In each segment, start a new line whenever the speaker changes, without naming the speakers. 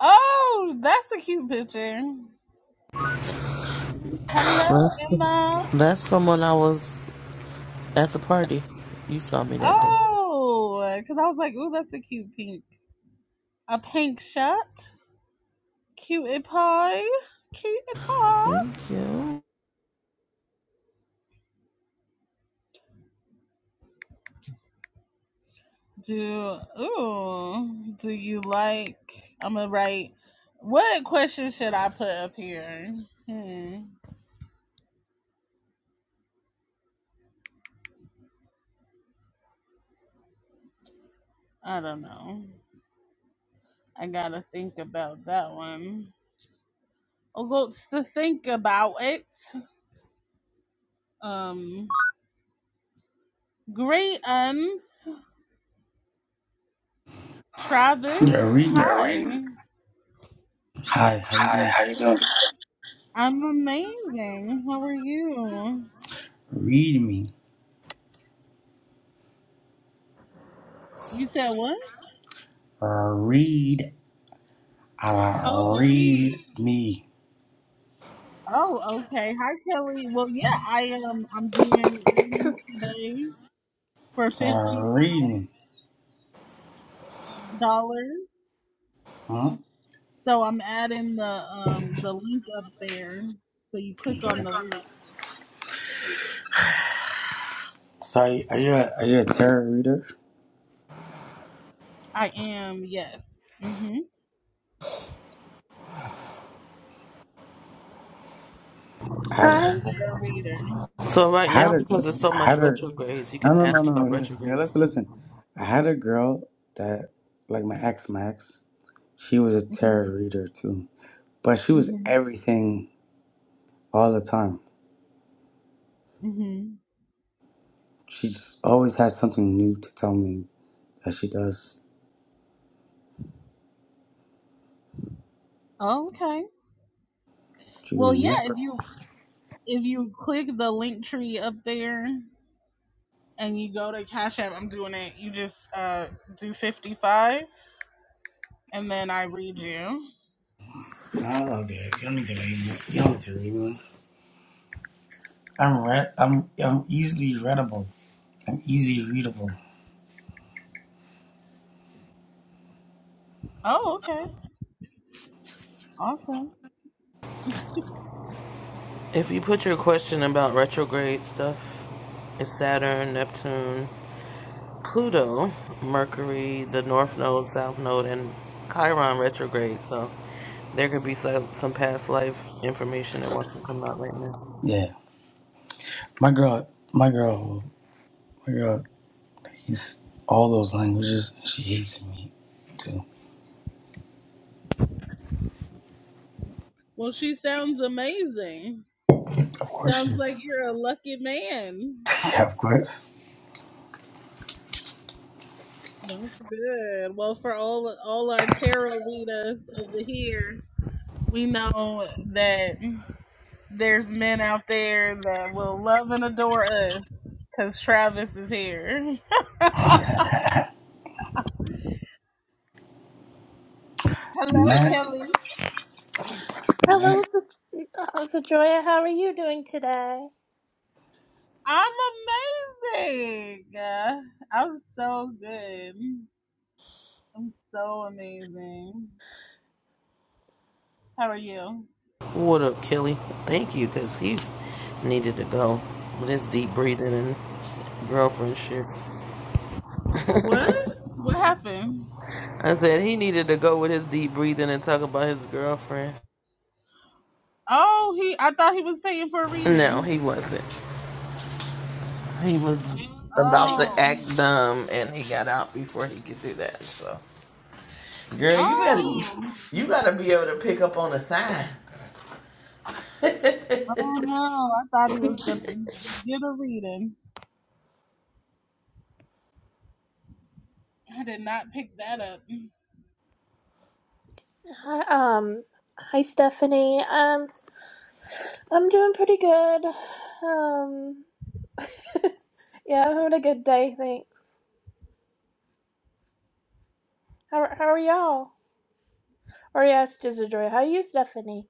Oh, that's a cute picture. Hello,
That's
Emma.
that's from when I was at the party. You saw me that day.
Oh, because I was like, ooh, that's a cute pink. A pink shirt. Cutie pie. Cutie pie.
Cute.
Do, ooh, do you like, I'm going to write, what question should I put up here? Hmm, I don't know. I got to think about that one. Oh, well, to think about it. Um, great uns. Travis,
Yeah,
Yeah,
read.
hi.
Hi, how you
Hi,
doing?
how you doing? I'm amazing. How are you?
Read me.
You said what?
Uh, read. Uh,
Oh,
read
Reed.
me.
Oh, okay. Hi, Kelly. Well, yeah, I am. Um, I'm doing readings today for
Uh,
fifty
read me.
dollars.
Hmm?
So I'm adding the um the link up there. So you click on
Yeah.
the link.
So, are you a, are you a tarot reader?
I am yes. Mm-hmm.
I
I
had
am
a,
a
Hi,
peer reader.
So right
I
now,
had a, gr-
because there's so
I
much
had a.
retrogrades, you
No,
can
no, no,
ask about
no. Yeah,
retrograde
let's
stuff.
listen. I had a girl that, like my ex, Max. She was a tarot
Mm-hmm.
reader too, but she was
Mm-hmm.
everything all the time.
Mm-hmm.
She just always had something new to tell me that she does.
Okay.
She would
Well, yeah.
never
If you if you click the link tree up there and you go to Cash App, I'm doing it. You just uh do 55 and then I read you.
I love that. You don't need to read it. You don't need to read it. I'm read. I'm I'm easily readable. I'm easy readable.
Oh, okay. Awesome.
If you put your question about retrograde stuff, it's Saturn, Neptune, Pluto, Mercury, the North Node, South Node, and Chiron retrograde. So there could be some some past life information that wants to come out right now.
Yeah, my girl. My girl. My girl. He's all those languages. She hates me too.
Well, she sounds amazing.
Of course she
Sounds like
is.
you're a lucky man.
yeah, of course.
That's good. Well, for all all our tarot readers over here, we know that there's men out there that will love and adore us because Travis is here. Hello,
Matt.
Kelly.
hello, Sa- uh, Sajoya. How are you doing today?
I'm amazing. I'm so good. I'm so amazing. How are you?
What up, Kelly? Thank you, because he needed to go with his deep breathing and girlfriend shit.
What? What happened?
I said he needed to go with his deep breathing and talk about his girlfriend.
Oh, he. I thought he was paying for a
No,
reading.
he wasn't. He was about to
Oh.
act dumb, and he got out before he could do that. So, girl, you better,
Oh.
you gotta be able to pick up on the signs.
Oh no! I thought he was gonna get a reading. I did not pick that up.
Hi, um, hi, Stephanie. Um, I'm doing pretty good. Um, yeah, I'm having a good day. Thanks. How how are y'all? Or yes, just Sajoya. How are you, Stephanie?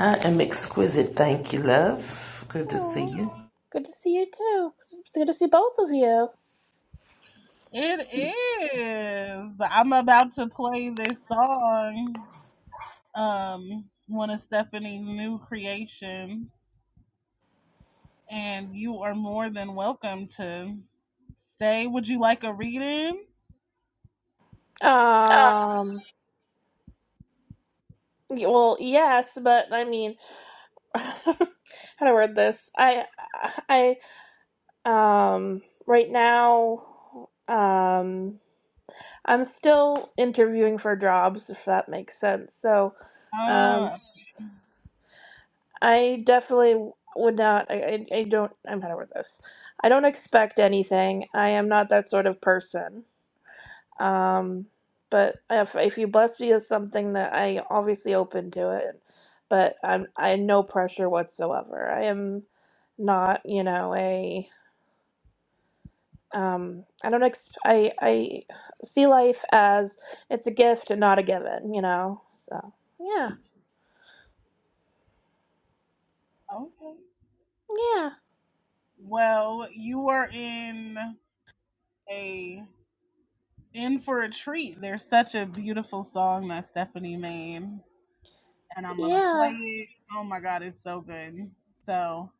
I am exquisite, thank you, love. Good to see
Oh,
you.
good to see you too. It's good to see both of you.
It is. I'm about to play this song. Um, one of Stephanie's new creations. and you are more than welcome to stay. Would you like a reading?
Um, y- well, yes, but I mean, how do I word this? I, I Um, right now, um, I'm still interviewing for jobs, if that makes sense. So, um,
Uh,
I definitely would not. I, I, I don't. I'm better with this. I don't expect anything. I am not that sort of person. Um, but if if you bless me with something that I obviously open to it, but I'm I no pressure whatsoever. I am not, you know, a um i don't ex- i i see life as it's a gift and not a given you know so yeah
okay.
yeah
Well, you are in a in for a treat. There's such a beautiful song that Stephanie made, and I'm gonna play
yeah
it. Oh my god, it's so good. So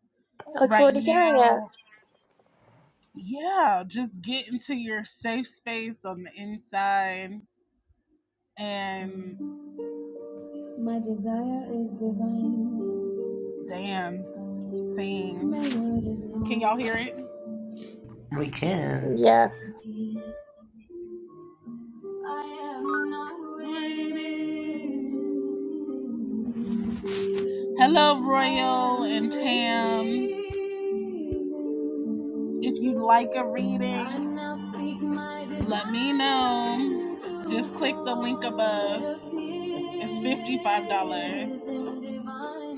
i look
right
forward to hearing it
now, yeah, just get into your safe space on the inside and my desire is divine. Damn. Sing. Can y'all hear it?
We can.
yes
Hello, Royal and Tam. If you'd like a reading, let me know. Just click the link above. It's $55.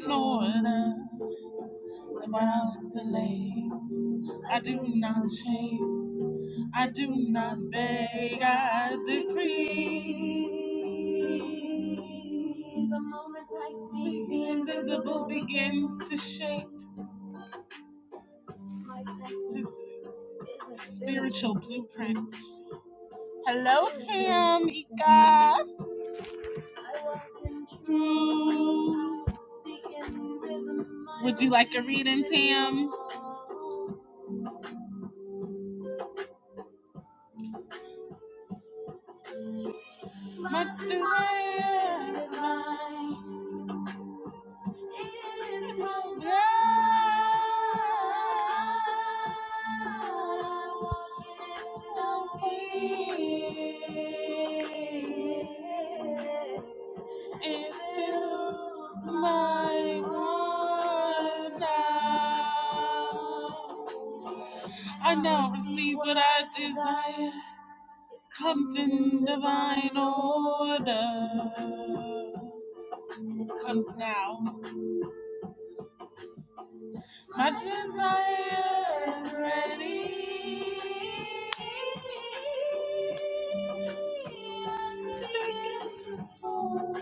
Florida, about to lay. I do not chase, I do not beg, I decree. The moment I speak, the invisible begins to shape. My sentence is a spiritual blueprint. Hello, Tam, Ika. I walk in truth, Would you like a reading, Tam? My desire is divine. It is my blood, walking it without fear. It fills my heart now. I now receive what I desire. Comes in divine order. Comes now. My desire is ready. It's beginning to fall.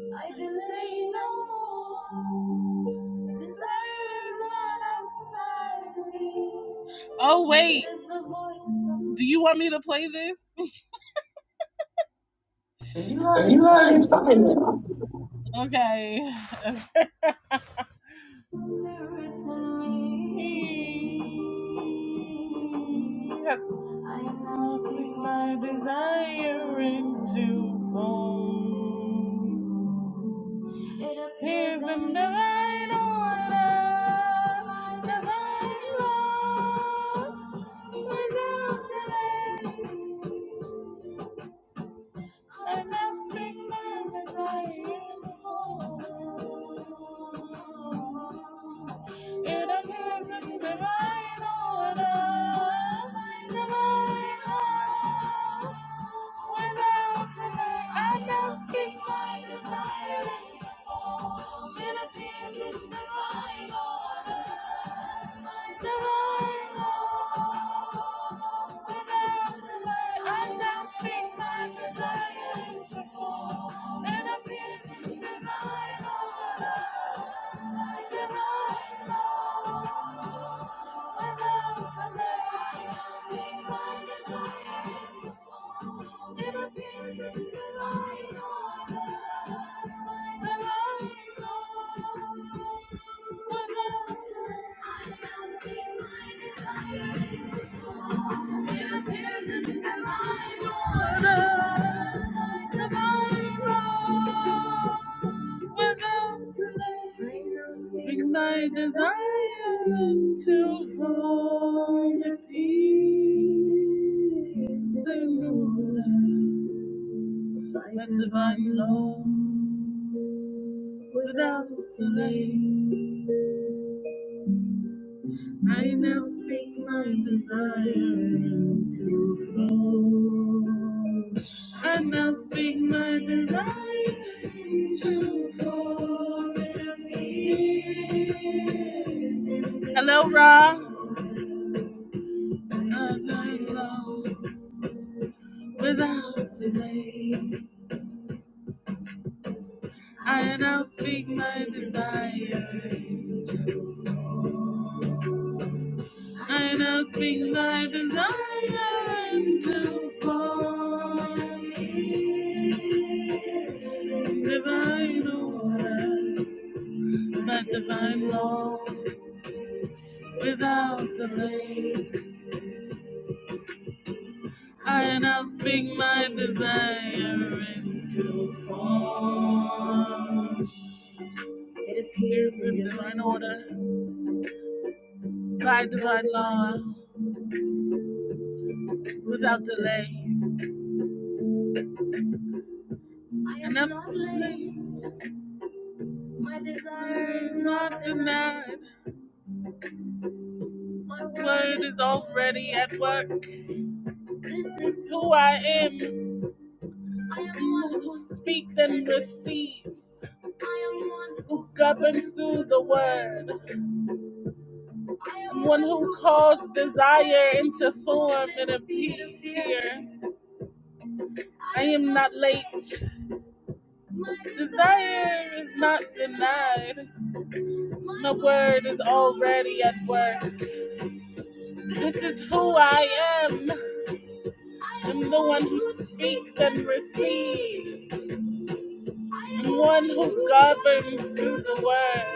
I delay no more. Desire is not outside me. Oh wait. It is the voice of- Do you want me to play this?
And you already. talking.
Okay. Spirit in me. Yep. I now seek my desire into form. It appears in divine order, divine love, without delay. And I speak my desire. It appears in a present divine order. Divine order. Without delay. And I now speak my desire into form. It appears in a present divine order. Divine order. And I speak my desire into form and appears in divine order. Like divine law, without delay. I speak my desire into form. It appears in divine order. Like divine law. Ignite my desire to fall at peace, Lord, by divine love without delay. I now speak my desire into flow. I now speak my desire into flow. Hello, Ra. And I know without delay. I now speak my desire into flow. I nothing my desire and to fall. Divine order, that divine law without delay. I now speak my desire into form. It appears in divine order, by divine law, without delay. I am not late. My desire is not denied. My word is already at work. This is who I am. I am one who speaks and receives. I am one who governs through the word. I am one who calls desire into form and appear. I am not late. Desire is not denied. My word is already at work. This is who I am. I'm the one who speaks and receives. one who governs through the word.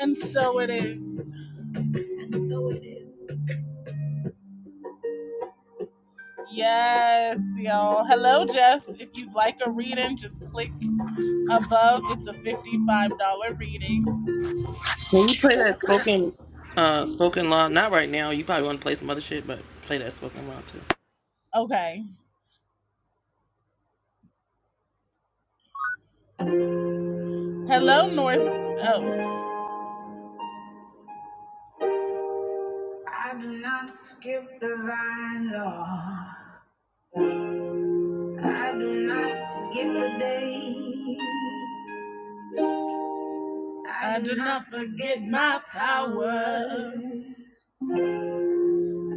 And so it is. And so it is. Yes, y'all. Hello, Jeff. If you'd like a reading, just click above. It's a $55 reading.
When you play that spoken uh spoken law, not right now, you probably want to play some other shit, but play that spoken law too.
Okay. Hello, North. Oh. I do not skip the vine, Lord. I do not skip the day. I do not forget my power.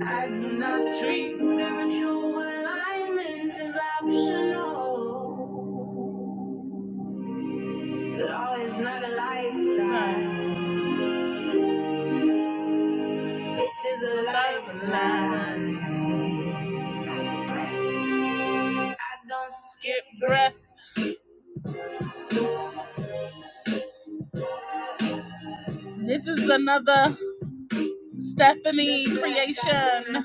I do not treat spiritual alignment as optional. Law is not a lifestyle, it is a lifeline. I don't skip breath. This is another Stephanie creation.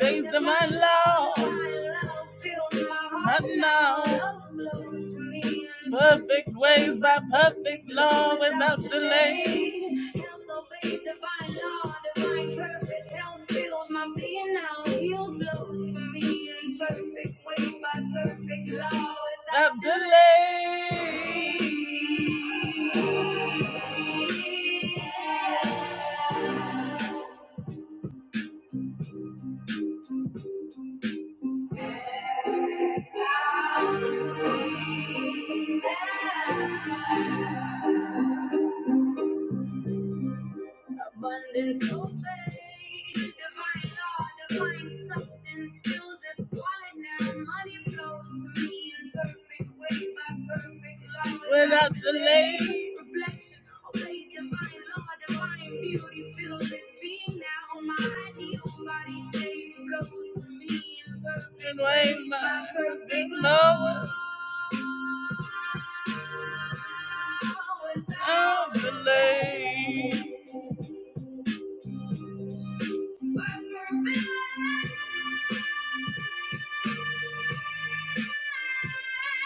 Days of my love, not now. Perfect ways by perfect law without delay. Without delay. Abundance obeys, divine law, divine substance fills this wallet now. Money flows to me in perfect way, by perfect law. Without delay, reflection obeys divine law, divine beauty fills this being now. My ideal body shape flows to me in perfect way, by perfect law. Without delay, by perfect law.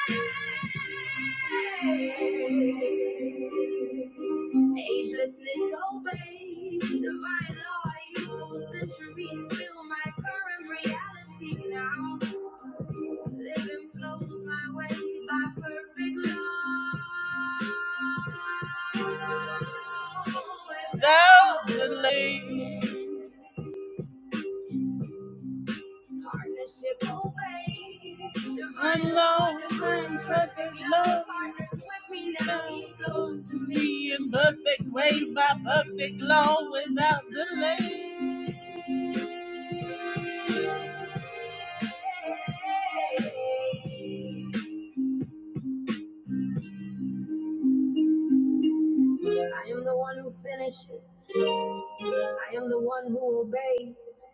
Agelessness obeys divine law. Youthful centuries still my current reality now. Living flows my way by perfect law. Without delay. I'm long and perfect love. Be in perfect ways by perfect law without delay. I am the one who finishes. I am the one who obeys.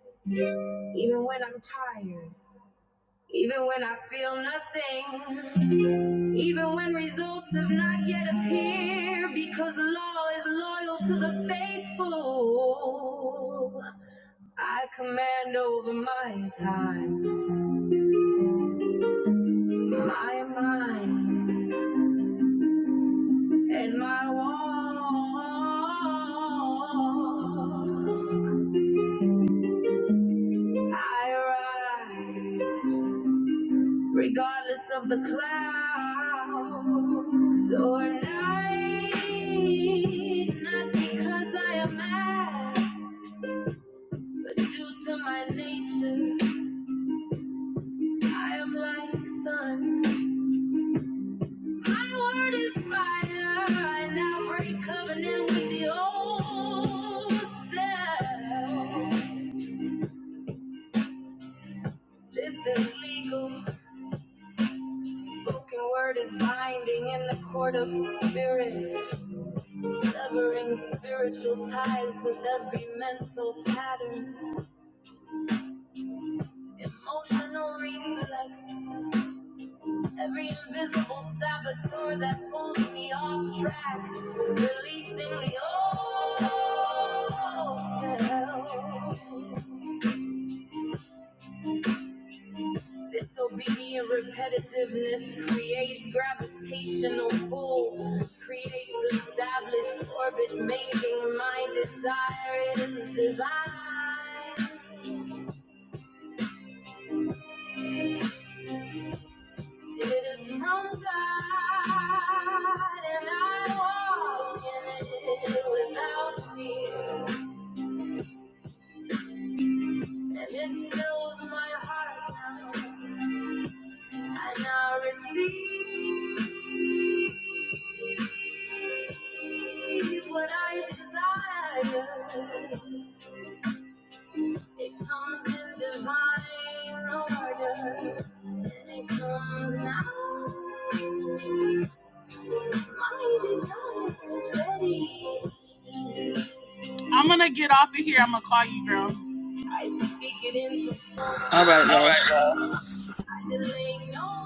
Even when I'm tired. Even when I feel nothing. Even when results have not yet appeared, because the law is loyal to the faithful. I command over my time, my mind, and my walk. I rise, regardless of the clouds or night, not because I am asked Due to my nature, I am like sun. My word is fire, and I break covenant with the old self. This is legal. Spoken word is binding in the court of spirit, severing spiritual ties with every mental pattern, emotional reflex. Every invisible saboteur that pulls me off track, releasing the old self. This obedient repetitiveness creates gravitational pull, creates established orbit, making my desire is divine. It is from God, and I walk in it without fear. And it fills my heart now. I now receive what I desire. It comes in divine order. And it comes now. My desire is ready. I'm gonna get off of here. I'm gonna call you, girl. I speak it into form. All
All right, love.
right, love. no